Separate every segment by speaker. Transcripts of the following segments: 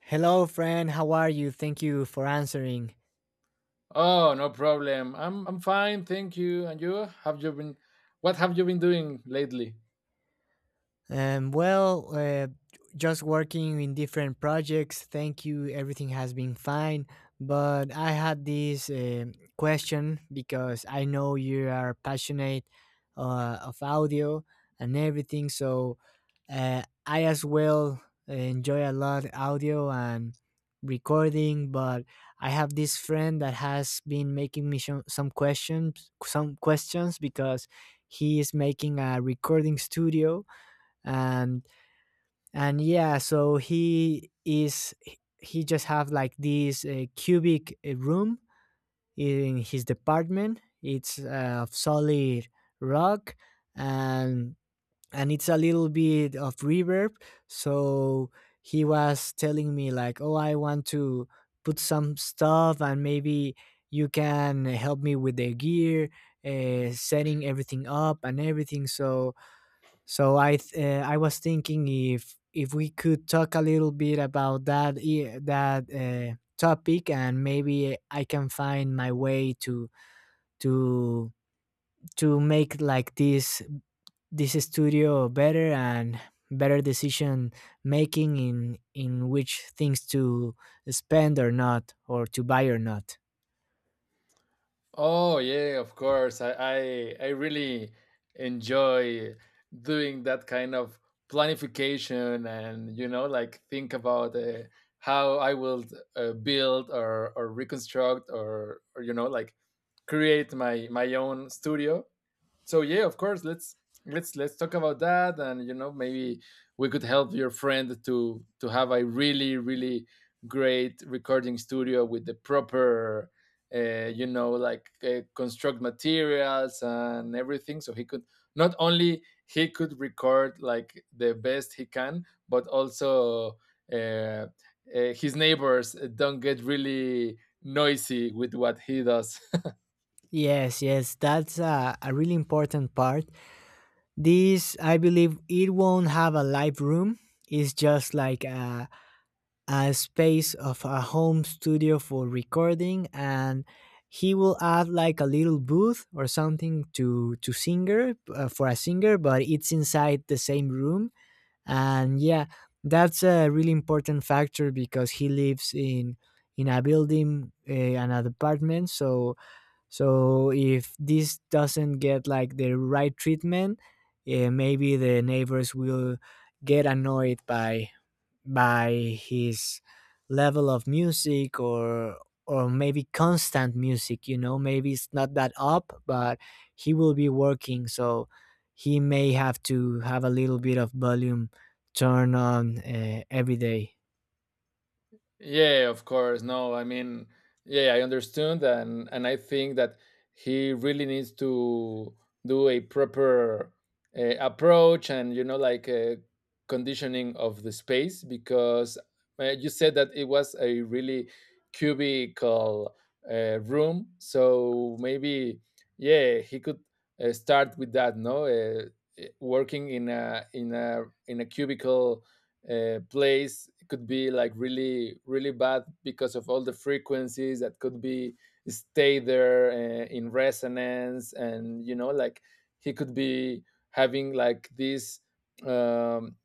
Speaker 1: Hello, friend. How are you? Thank you for answering.
Speaker 2: Oh, no problem. I'm fine, thank you. And you? Have you been what have you been doing lately?
Speaker 1: Um, well, uh, just working in different projects. Thank you. Everything has been fine. But I had this question because I know you are passionate of audio and everything. So I as well enjoy a lot audio and recording. But I have this friend that has been making me some questions because he is making a recording studio and yeah, so he just have like this cubic room in his department. It's of solid rock, and it's a little bit of reverb. So he was telling me like, oh, I want to put some stuff and maybe you can help me with the gear, setting everything up and everything. So I I was thinking if we could talk a little bit about that topic, and maybe I can find my way to to to make like this studio better and better decision making in which things to spend or not, or to buy or not.
Speaker 2: Oh, yeah, of course. I really enjoy doing that kind of planification, and you know like think about how I will build or reconstruct, or you know like create my own studio. So yeah, of course, let's talk about that. And you know, maybe we could help your friend to have a really, really great recording studio with the proper you know like construct materials and everything, so he could not only he could record like the best he can, but also uh, his neighbors don't get really noisy with what he does.
Speaker 1: Yes, yes, that's a really important part. This, I believe, it won't have a live room. It's just like a space of a home studio for recording, and he will add like a little booth or something to singer for a singer, but it's inside the same room. And yeah, that's a really important factor because he lives in a building, an apartment, so if this doesn't get like the right treatment, maybe the neighbors will get annoyed by his level of music, or maybe constant music, you know, maybe it's not that up, but he will be working, so he may have to have a little bit of volume turn on every day.
Speaker 2: Yeah, of course. No, I mean, yeah, I understood, and I think that he really needs to do a proper approach, and you know like a conditioning of the space, because you said that it was a really cubical room. So maybe, yeah, he could start with that. No, working in a cubicle place could be like really, really bad because of all the frequencies that could be stay there in resonance. And you know like he could be having like um,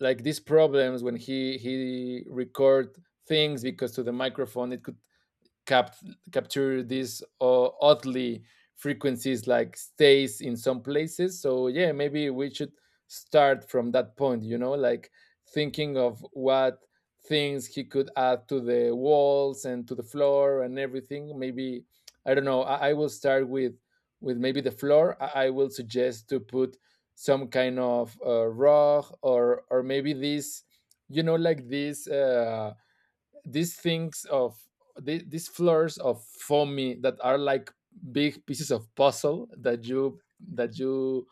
Speaker 2: these problems when he record things, because to the microphone it could cap- capture these oddly frequencies like stays in some places. So yeah, maybe we should start from that point, you know like thinking of what things he could add to the walls and to the floor and everything. Maybe I don't know, I will start with maybe the floor. I will suggest to put some kind of rug, or maybe this, you know like this these things of these floors of foamy that are like big pieces of puzzle that you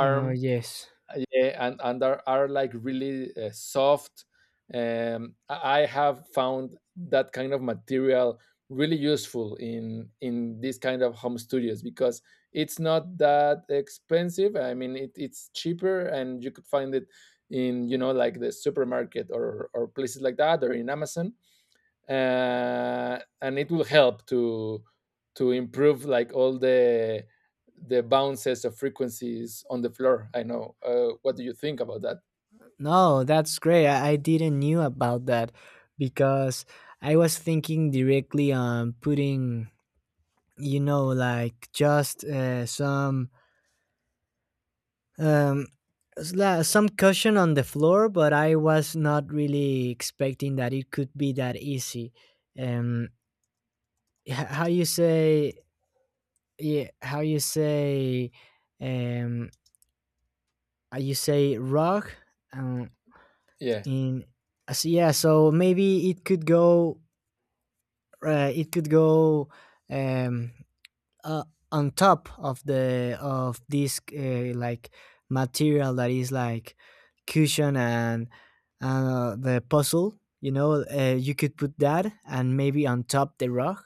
Speaker 1: Uh, yes.
Speaker 2: Yeah, and are like really soft. um I have found that kind of material really useful in this kind of home studios, because it's not that expensive. I mean, it, it's cheaper, and you could find it in, you know, like the supermarket or places like that, or in Amazon. And it will help to improve like all the bounces of frequencies on the floor. I know. What do you think about that?
Speaker 1: No, that's great. I didn't knew about that because I was thinking directly on putting, you know, like just some um some cushion on the floor, but I was not really expecting that it could be that easy. Um, how you say? Yeah, how you say? Um, you say rug. Um,
Speaker 2: Yeah.
Speaker 1: in yeah, so maybe it could go um, uh, on top of the of this like material that is like cushion, and the puzzle, you know, you could put that, and maybe on top the rug,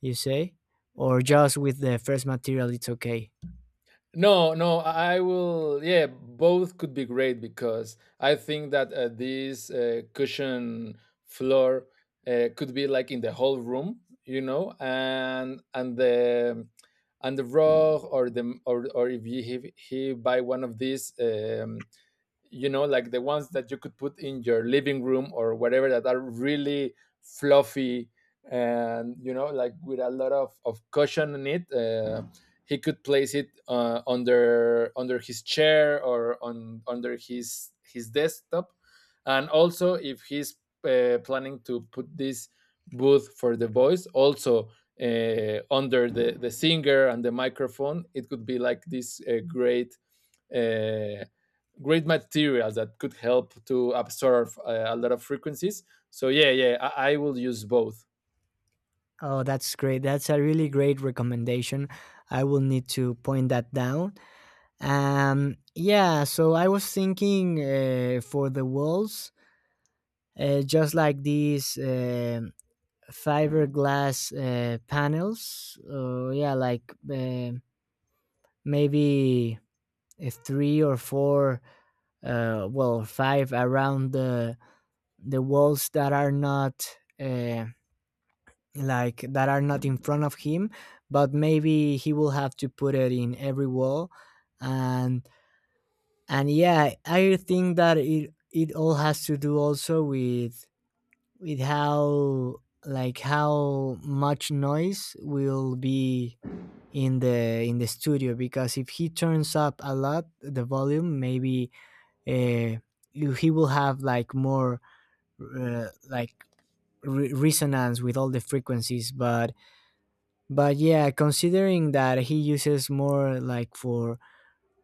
Speaker 1: you say, or
Speaker 2: Uh,
Speaker 1: just with the first material, it's okay.
Speaker 2: No, no, I will. Yeah, both could be great, because I think that this cushion floor could be like in the whole room, you know, and the and the rug or the or if you he buy one of these. You know like the ones that you could put in your living room or whatever, that are really fluffy, and you know like with a lot of cushion in it. He could place it under his chair or on under his desktop. And also, if he's planning to put this booth for the voice, also under the singer and the microphone, it could be like this uh, great materials that could help to absorb a lot of frequencies. So yeah, yeah, I will use both.
Speaker 1: Oh, that's great. That's a really great recommendation. I will need to point that down. Yeah, so I was thinking for the walls just like these fiberglass panels. Yeah, like maybe three or four, well, five around the walls that are not uh, that are not in front of him, but maybe he will have to put it in every wall. And yeah, I think that it all has to do also with how how much noise will be in the studio, because if he turns up a lot the volume, maybe uh, he will have like more uh, like resonance with all the frequencies. But yeah, considering that he uses more like for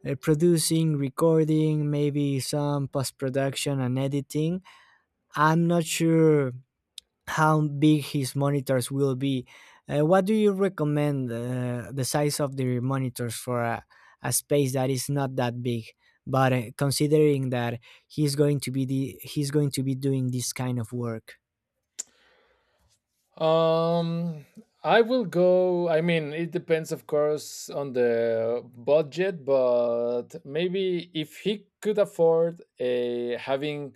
Speaker 1: producing, recording, maybe some post production and editing, I'm not sure how big his monitors will be. What do you recommend the size of the monitors for a space that is not that big? But considering that he's going to be doing this kind of work.
Speaker 2: Um, I will go. I mean, it depends, of course, on the budget, but maybe if he could afford a, having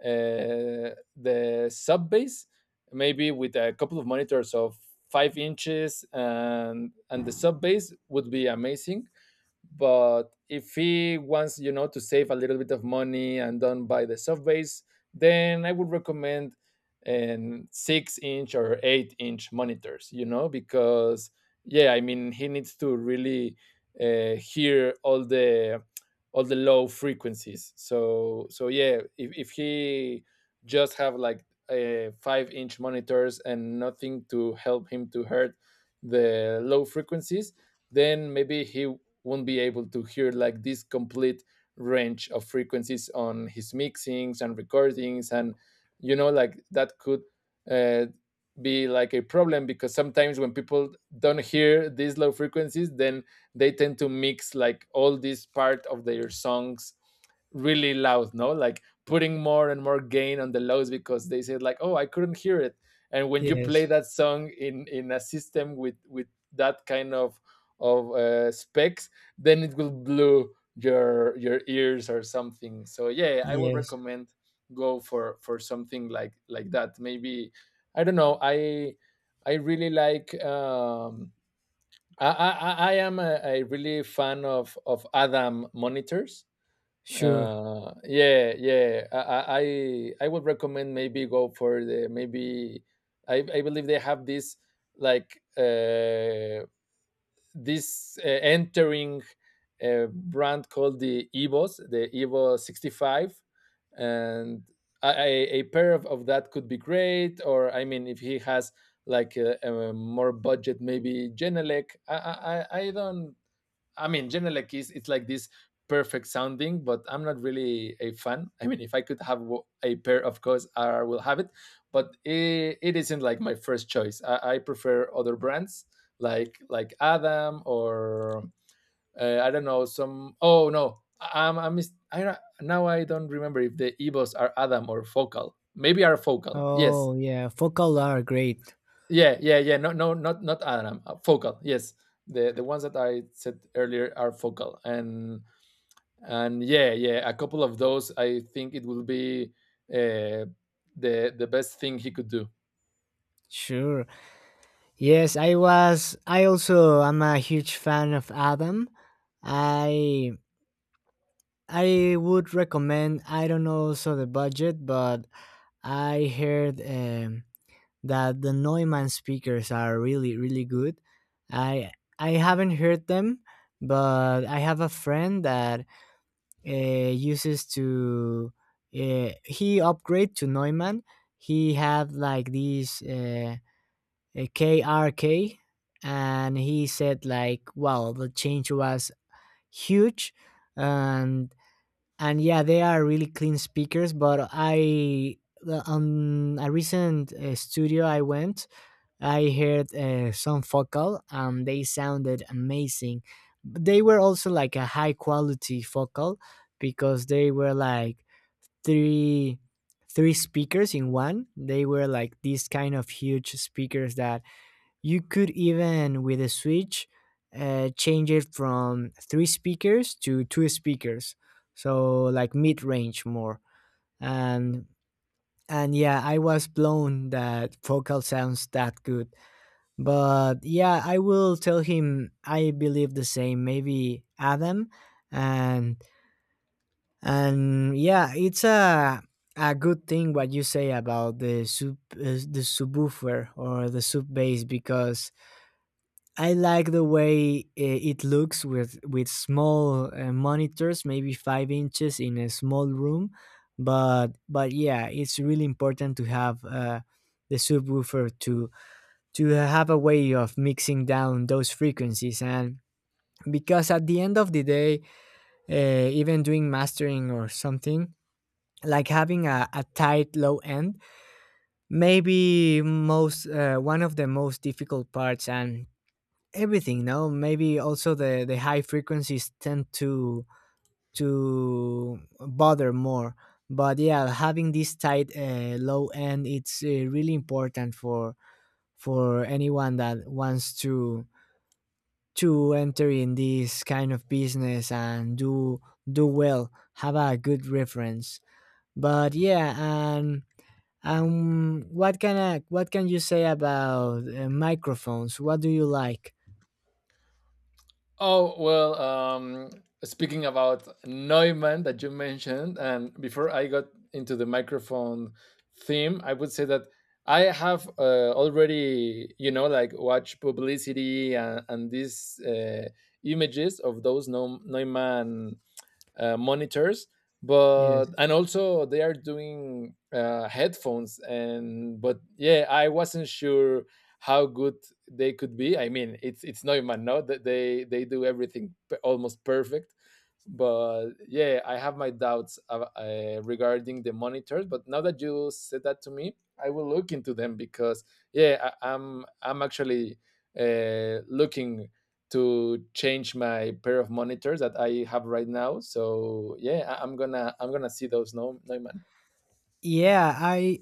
Speaker 2: the sub bass, maybe with a couple of monitors of 5 inches, and the sub bass would be amazing. But if he wants, you know, to save a little bit of money and don't buy the soft base, then I would recommend an 6 inch or 8 inch monitors, you know, because yeah, I mean, he needs to really hear all the low frequencies. So so yeah, if he just have like 5 inch monitors and nothing to help him to hurt the low frequencies, then maybe he won't be able to hear like this complete range of frequencies on his mixings and recordings. And you know like that could uh, be like a problem, because sometimes when people don't hear these low frequencies, then they tend to mix like all this part of their songs really loud, no, like putting more and more gain on the lows, because they said like, oh, I couldn't hear it. And when you
Speaker 1: Yes.
Speaker 2: play that song in a system with that kind of specs, then it will blow your ears or something. So yeah, I would
Speaker 1: Yes.
Speaker 2: recommend go for something like that. Maybe I don't know, I really like, I am a really fan of Adam monitors.
Speaker 1: Sure.
Speaker 2: Yeah, yeah, I would recommend, maybe go for the maybe I believe they have this like this entering a brand called the Evos, the Evo 65. And I, a, pair of that could be great. Or I mean, if he has like a more budget, maybe Genelec. I don't I mean, General Keys, it's like this perfect sounding, but I'm not really a fan. I mean, if I could have a pair, of course, I will have it, but it isn't like my first choice. I prefer other brands like Adam or I don't know some. Oh no, I- am I'm I mis- I, don't- now I don't remember if the Evos are Adam or Focal. Maybe are Focal. Yes.
Speaker 1: Oh yeah, focal are great.
Speaker 2: Yeah, yeah, yeah. No, no, not not Adam. Focal. Yes, the ones that I said earlier are Focal. And yeah, yeah, a couple of those, I think it will be uh, the best thing he could do.
Speaker 1: Sure. Yes, I was. I also am a huge fan of Adam. I I would recommend. I don't know also the budget, but I heard that the Neumann speakers are really really good. I I haven't heard them, but I have a friend that uh, uses to he upgrade to Neumann. He had like these a KRK, and he said like, wow, the change was huge. And yeah, they are really clean speakers. But on a recent studio I went, I heard some focal, and they sounded amazing. They were also like a high quality focal because they were like three three speakers in one. They were like these kind of huge speakers that you could even, with a switch, change it from three speakers to two speakers, so like mid range more. And yeah, I was blown that vocal sounds that good. But yeah, I will tell him I believe the same. Maybe Adam, and yeah, it's a good thing what you say about the sub the subwoofer or the sub bass, because I like the way, it looks with small monitors, maybe 5 inches in a small room. But yeah, it's really important to have the subwoofer to have a way of mixing down those frequencies. And because at the end of the day, even doing mastering or something like having a tight low end, maybe most one of the most difficult parts. And everything, no, maybe also the high frequencies tend to bother more. But yeah, having this tight low end, it's really important for anyone that wants to enter in this kind of business and do well, have a good reference. But yeah, and what can what can you say about microphones? What do you like?
Speaker 2: Oh well, speaking about Neumann that you mentioned, and before I got into the microphone theme, I would say that I have already, you know like, watch publicity and these images of those Neumann monitors. But,
Speaker 1: Yes.
Speaker 2: and also they are doing headphones, and but yeah, I wasn't sure how good they could be. I mean, it's Neumann, no, that they do everything almost perfect. But yeah, I have my doubts regarding the monitors. But now that you said that to me, I will look into them, because yeah, I'm actually looking to change my pair of monitors that I have right now. So yeah, I'm gonna see those. No, no man.
Speaker 1: Yeah,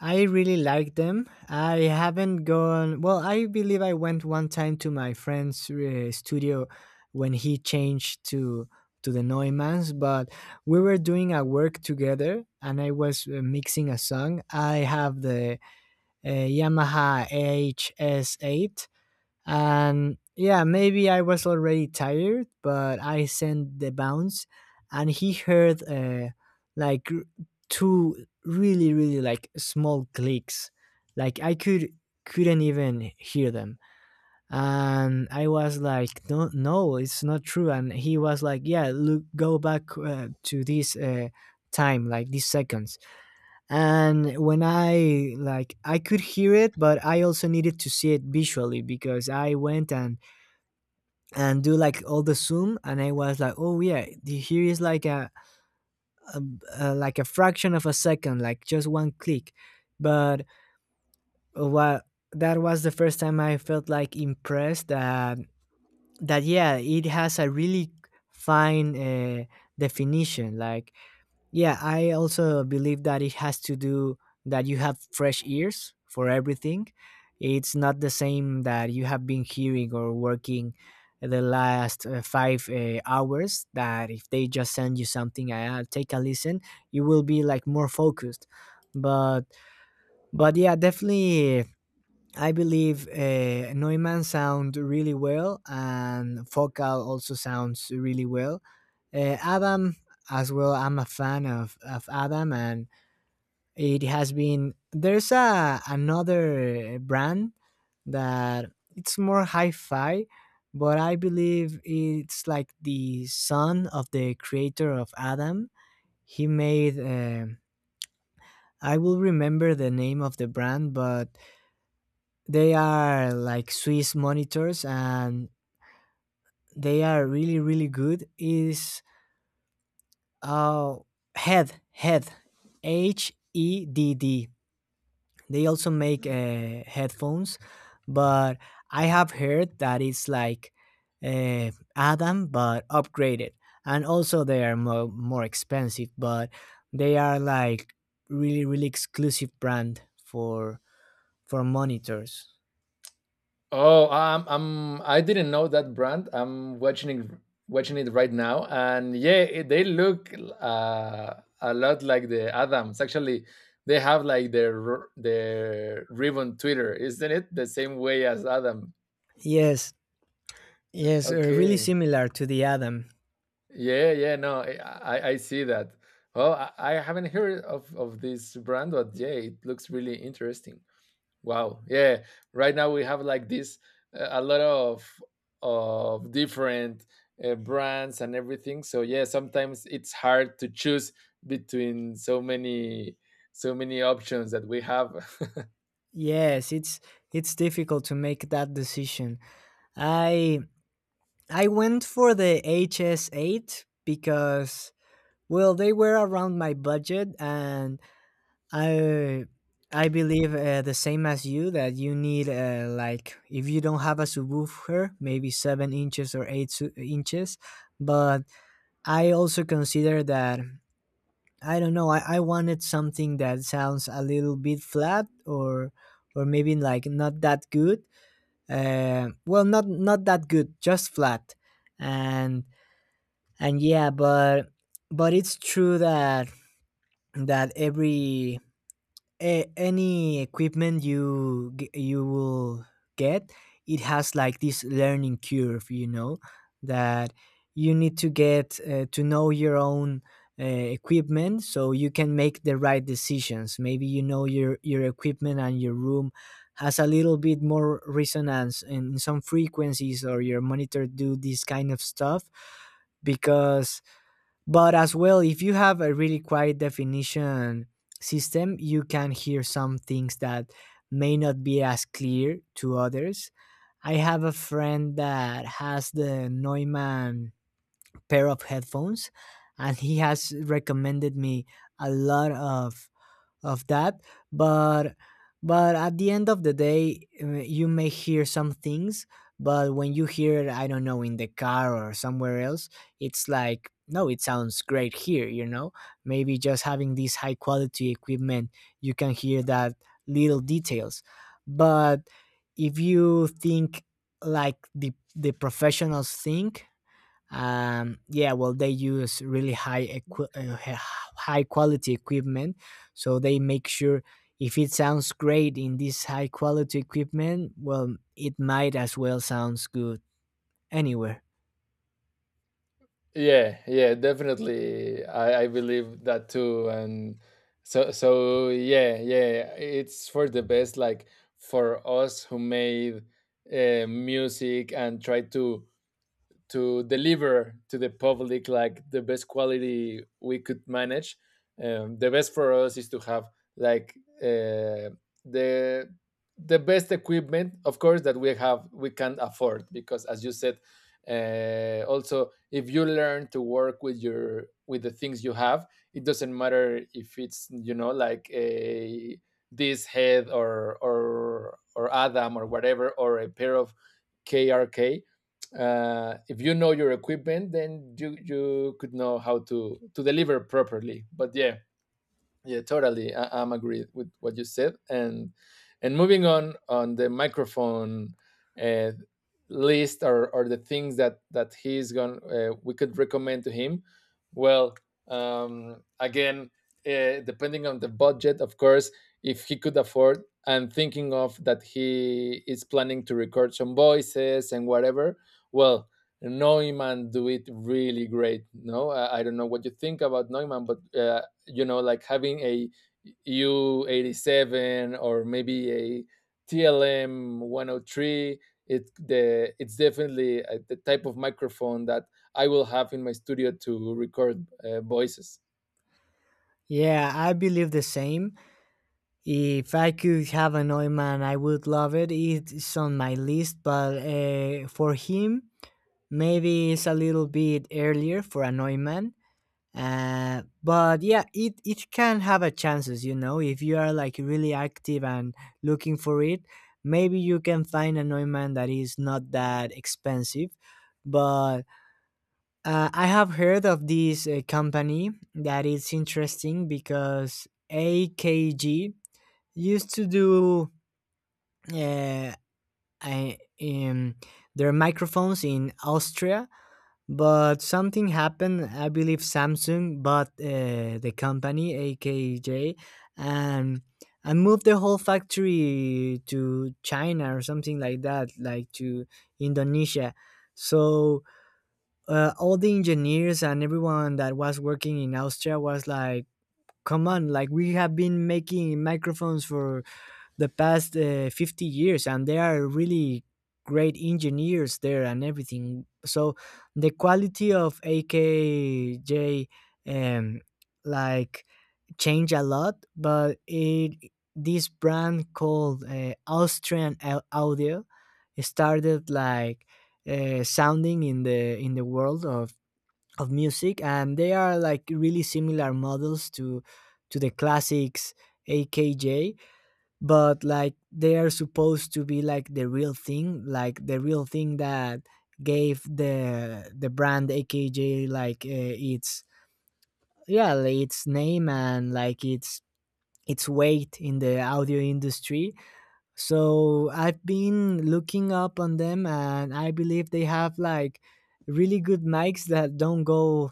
Speaker 1: I really like them. I haven't gone. Well, I believe I went one time to my friend's studio when he changed to the Neumanns. But we were doing a work together, and I was mixing a song. I have the Yamaha HS8, and yeah, maybe I was already tired, but I sent the bounce, and he heard like r- two really, really like small clicks. Like I couldn't even hear them, and I was like, no, no, it's not true. And he was like, yeah, look, go back to this time, like these seconds. And when I like, I could hear it, but I also needed to see it visually because I went and do like all the zoom, and I was like, oh yeah, here is like a, a like a fraction of a second, like just one click. But what that was the first time I felt like impressed that yeah, it has a really fine definition. Like yeah, I also believe that it has to do that you have fresh ears for everything. It's not the same that you have been hearing or working the last five hours. That if they just send you something, I take a listen, you will be like more focused. But yeah, definitely I believe Neumann sound really well, and Focal also sounds really well. Adam as well. I'm a fan of Adam. And it has been, there's a another brand that it's more hi-fi, but I believe it's like the son of the creator of Adam. He made. I will remember the name of the brand, but they are like Swiss monitors, and they are really really good. Is uh head head HEDD. They also make headphones, but I have heard that it's like Adam but upgraded, and also they are more more expensive, but they are like really really exclusive brand for monitors.
Speaker 2: Oh, I'm I didn't know that brand. I'm watching it right now, and yeah, it, they look uh, a lot like the Adams. Actually, they have like their ribbon Twitter, isn't it? The same way as Adam.
Speaker 1: Yes. Yes, Really
Speaker 2: Okay.
Speaker 1: similar to the Adam.
Speaker 2: Yeah, yeah, no, I see that. Well, I haven't heard of this brand, but yeah, it looks really interesting. Wow, yeah. Right now we have like this a lot of different brands and everything. So yeah, sometimes it's hard to choose between so many options that we have.
Speaker 1: Yes, it's difficult to make that decision. I I went for the HS8 because well, they were around my budget. And I I believe the same as you, that you need, like, if you don't have a subwoofer, maybe 7 inches or 8 inches. But I also consider that I don't know. I wanted something that sounds a little bit flat, or maybe like not that good. Well, not that good, just flat. And yeah, but it's true that every any equipment you you will get, it has like this learning curve, you know, that you need to get to know your own equipment so you can make the right decisions. Maybe you know your equipment and your room has a little bit more resonance in some frequencies, or your monitor do this kind of stuff because. But as well, if you have a really quiet definition system, you can hear some things that may not be as clear to others. I have a friend that has the Neumann pair of headphones, and he has recommended me a lot of that. But but at the end of the day, you may hear some things, but when you hear it, I don't know, in the car or somewhere else, it's like, no, it sounds great here. Maybe just having this high quality equipment, you can hear that little details. But if you think like the professionals think, yeah, well, they use really high quality equipment, so they make sure if it sounds great in this high quality equipment, well, it might as well sounds good anywhere.
Speaker 2: Yeah, yeah, definitely. I believe that too. And so yeah, yeah, it's for the best, like for us who made music and try to deliver to the public like the best quality we could manage. The best for us is to have like uh, the best equipment, of course, that we can afford, because, as you said, also if you learn to work with your with the things you have, it doesn't matter if it's, you know like a this head, or or Adam or whatever, or a pair of KRK. If you know your equipment, then you could know how to deliver properly. But yeah, yeah, totally. I'm agreed with what you said. And moving on the microphone uh, list, or the things that he's going we could recommend to him. Well, again, depending on the budget, of course, if he could afford, and thinking of that he is planning to record some voices and whatever. Well, Neumann do it really great. No, I don't know what you think about Neumann, but you know like having a U87 or maybe a tlm 103, it's definitely the type of microphone that I will have in my studio to record voices.
Speaker 1: Yeah, I believe the same. If I could have a Neumann, I would love it. It's on my list, but for him maybe it's a little bit earlier for a Neumann. But yeah, it can have a chances, you know, if you are like really active and looking for it, maybe you can find an ointment that is not that expensive. But I have heard of this company that is interesting because AKG used to do uh, I, um, their microphones in Austria, but something happened. I believe Samsung bought the company AKJ and and moved the whole factory to China or something like that, like to Indonesia. So all the engineers and everyone that was working in Austria was like, "Come on! Like we have been making microphones for the past 50 years and they are really great engineers there and everything." So the quality of AKJ, um like, change a lot. But it, this brand called Audio, started like sounding in the world of music, and they are like really similar models to the classics AKJ, but like they are supposed to be like the real thing, like the real thing that gave the brand AKJ like its name and like its weight in the audio industry. So I've been looking up on them, and I believe they have like really good mics that don't go,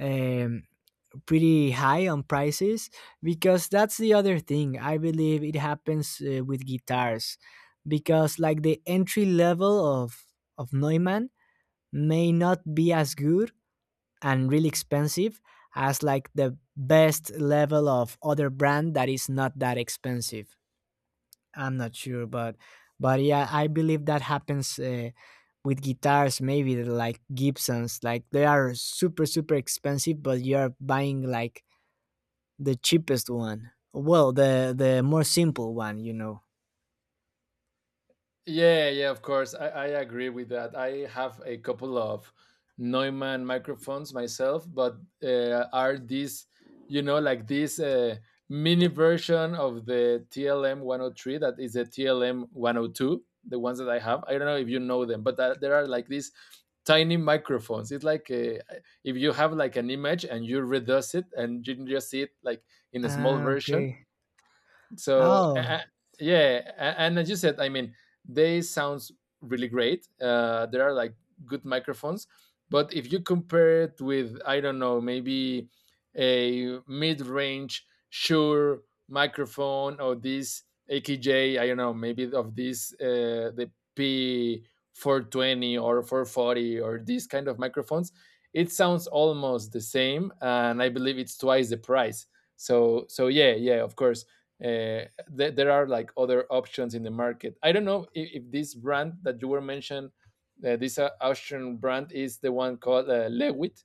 Speaker 1: um pretty high on prices, because that's the other thing. I believe it happens with guitars, because like the entry level of Neumann may not be as good and really expensive as like the best level of other brand that is not that expensive. I'm not sure, but yeah, I believe that happens with guitars. Maybe like Gibsons, like they are super super expensive, but you're buying like the cheapest one. Well, the more simple one, you know.
Speaker 2: Yeah, yeah, of course. I agree with that. I have a couple of Neumann microphones myself, but are these, you know, like this mini version of the TLM 103, that is the TLM 102, the ones that I have. I don't know if you know them, but that, there are like these tiny microphones. It's like if you have like an image and you reduce it and you can just see it like in a small
Speaker 1: Ah,
Speaker 2: version,
Speaker 1: okay.
Speaker 2: so,
Speaker 1: Oh,
Speaker 2: yeah, and as you said, I mean they sounds really great. There are like good microphones, but if you compare it with, I don't know, maybe a mid-range Shure microphone or this akj, I don't know, maybe of this the P420 or 440 or these kind of microphones, it sounds almost the same and I believe it's twice the price. So, yeah, yeah, of course. uh, there are like other options in the market. I don't know if this brand that you were mentioned, this Austrian brand, is the one called Lewitt.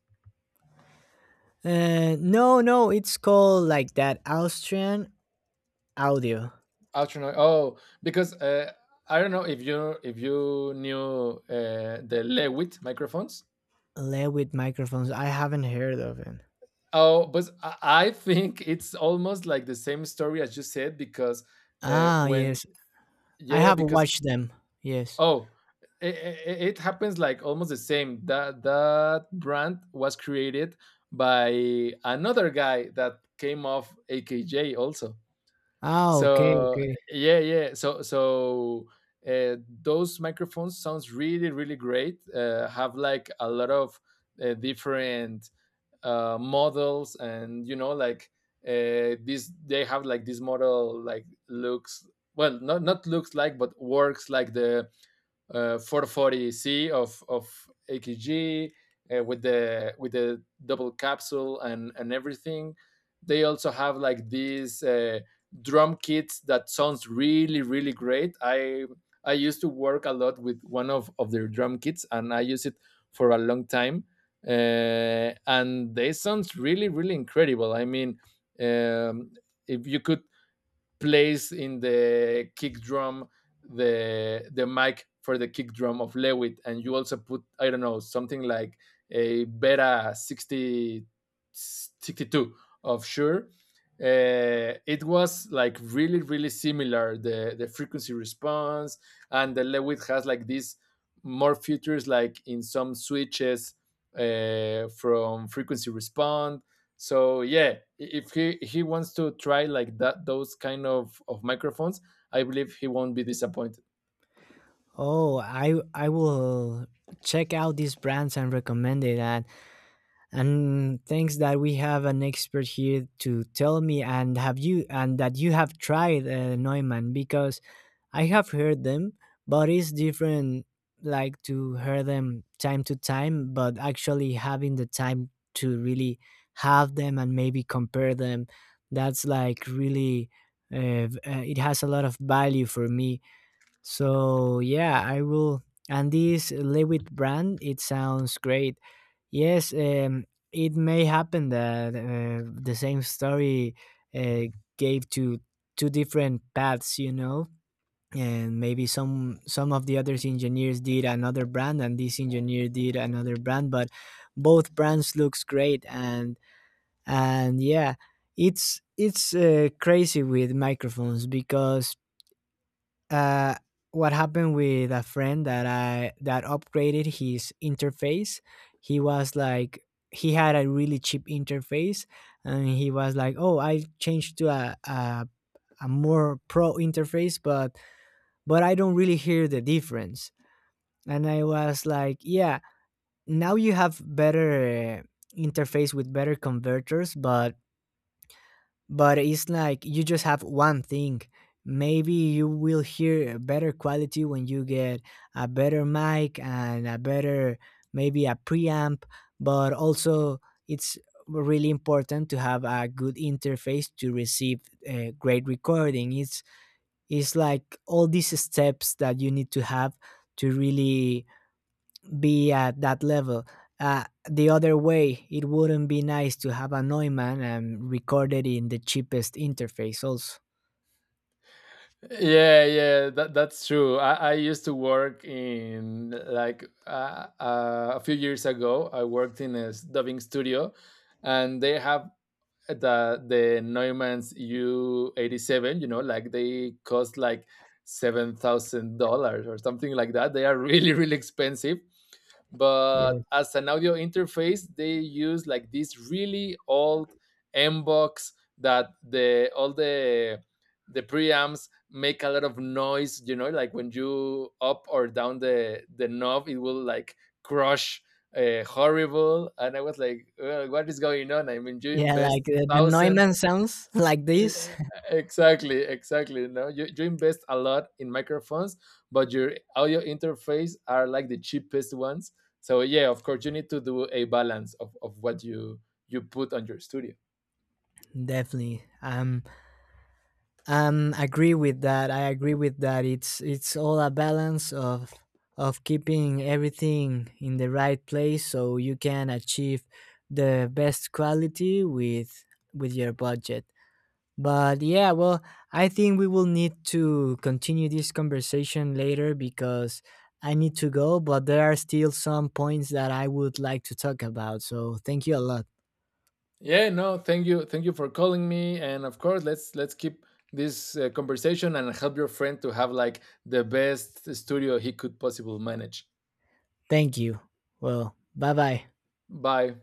Speaker 1: no, no, it's called like that, Austrian Audio.
Speaker 2: Austrian. Oh, because I don't know if you knew the Lewitt microphones.
Speaker 1: Led with microphones. I haven't heard of it.
Speaker 2: Oh, but I think it's almost like the same story as you said because
Speaker 1: Ah,
Speaker 2: when
Speaker 1: yes, I
Speaker 2: yeah,
Speaker 1: have
Speaker 2: because,
Speaker 1: watched them. Yes.
Speaker 2: Oh, it happens like almost the same. That brand was created by another guy that came off AKJ also.
Speaker 1: Ah, okay,
Speaker 2: So
Speaker 1: okay.
Speaker 2: yeah, yeah. So, those microphones sounds really really great. Have like a lot of different models, and you know like this they have like this model like looks, well, not looks like but works like the 440C of AKG, with the double capsule and everything. They also have like these drum kits that sounds really really great. I used to work a lot with one of their drum kits and I use it for a long time. And they sounds really really incredible. I mean, um, if you could plays in the kick drum, the mic for the kick drum of Lewitt, and you also put, I don't know, something like a Beta 60, 62 of Sure. It was like really really similar, the frequency response, and the Lewitt has like these more features like in some switches, from frequency respond. So yeah, if he wants to try like that those kind of microphones, I believe he won't be disappointed.
Speaker 1: Oh, I will check out these brands and recommend it. And thanks that we have an expert here to tell me and have you, and that you have tried Neumann, because I have heard them, but it's different, like, to hear them time to time, but actually having the time to really have them and maybe compare them, that's like really it has a lot of value for me. So yeah, I will. And this Lewitt brand, it sounds great. Yes, it may happen that the same story uh, gave to two different paths, you know, and maybe some of the other engineers did another brand, and this engineer did another brand, but both brands looks great, and yeah, it's crazy with microphones because uh, what happened with a friend that I that upgraded his interface. He was like, he had a really cheap interface, and he was like, "Oh, I changed to a more pro interface, but I don't really hear the difference." And I was like, "Yeah, now you have better." Interface with better converters, but it's like you just have one thing. Maybe you will hear a better quality when you get a better mic and a better, maybe a preamp, but also it's really important to have a good interface to receive a great recording. It's like all these steps that you need to have to really be at that level. The other way, it wouldn't be nice to have a Neumann and record it in the cheapest interface, also.
Speaker 2: Yeah, yeah, that's true. I used to work in like a few years ago I worked in a dubbing studio and they have the neumann's U87, you know, like they cost like $7,000 or something like that. They are really really expensive, but
Speaker 1: Yeah,
Speaker 2: as an audio interface they use like this really old M box that the all the preamps make a lot of noise, you know, like when you up or down the knob it will like crush, horrible. And I was like, "Well, what is going on, I mean you
Speaker 1: yeah, like
Speaker 2: invest
Speaker 1: the
Speaker 2: thousands.
Speaker 1: Neumann sounds like this.
Speaker 2: Yeah, exactly, exactly, no, you invest a lot in microphones but your audio interface are like the cheapest ones. So yeah, of course you need to do a balance of what you put on your studio.
Speaker 1: Definitely. Agree with that. I agree with that. It's all a balance of keeping everything in the right place so you can achieve the best quality with your budget. But yeah, well, I think we will need to continue this conversation later because I need to go, but there are still some points that I would like to talk about. So thank you a lot.
Speaker 2: Yeah, no, thank you, thank you for calling me, and of course let's keep this conversation and help your friend to have like the best studio he could possibly manage.
Speaker 1: Thank you. Well, bye bye.
Speaker 2: Bye.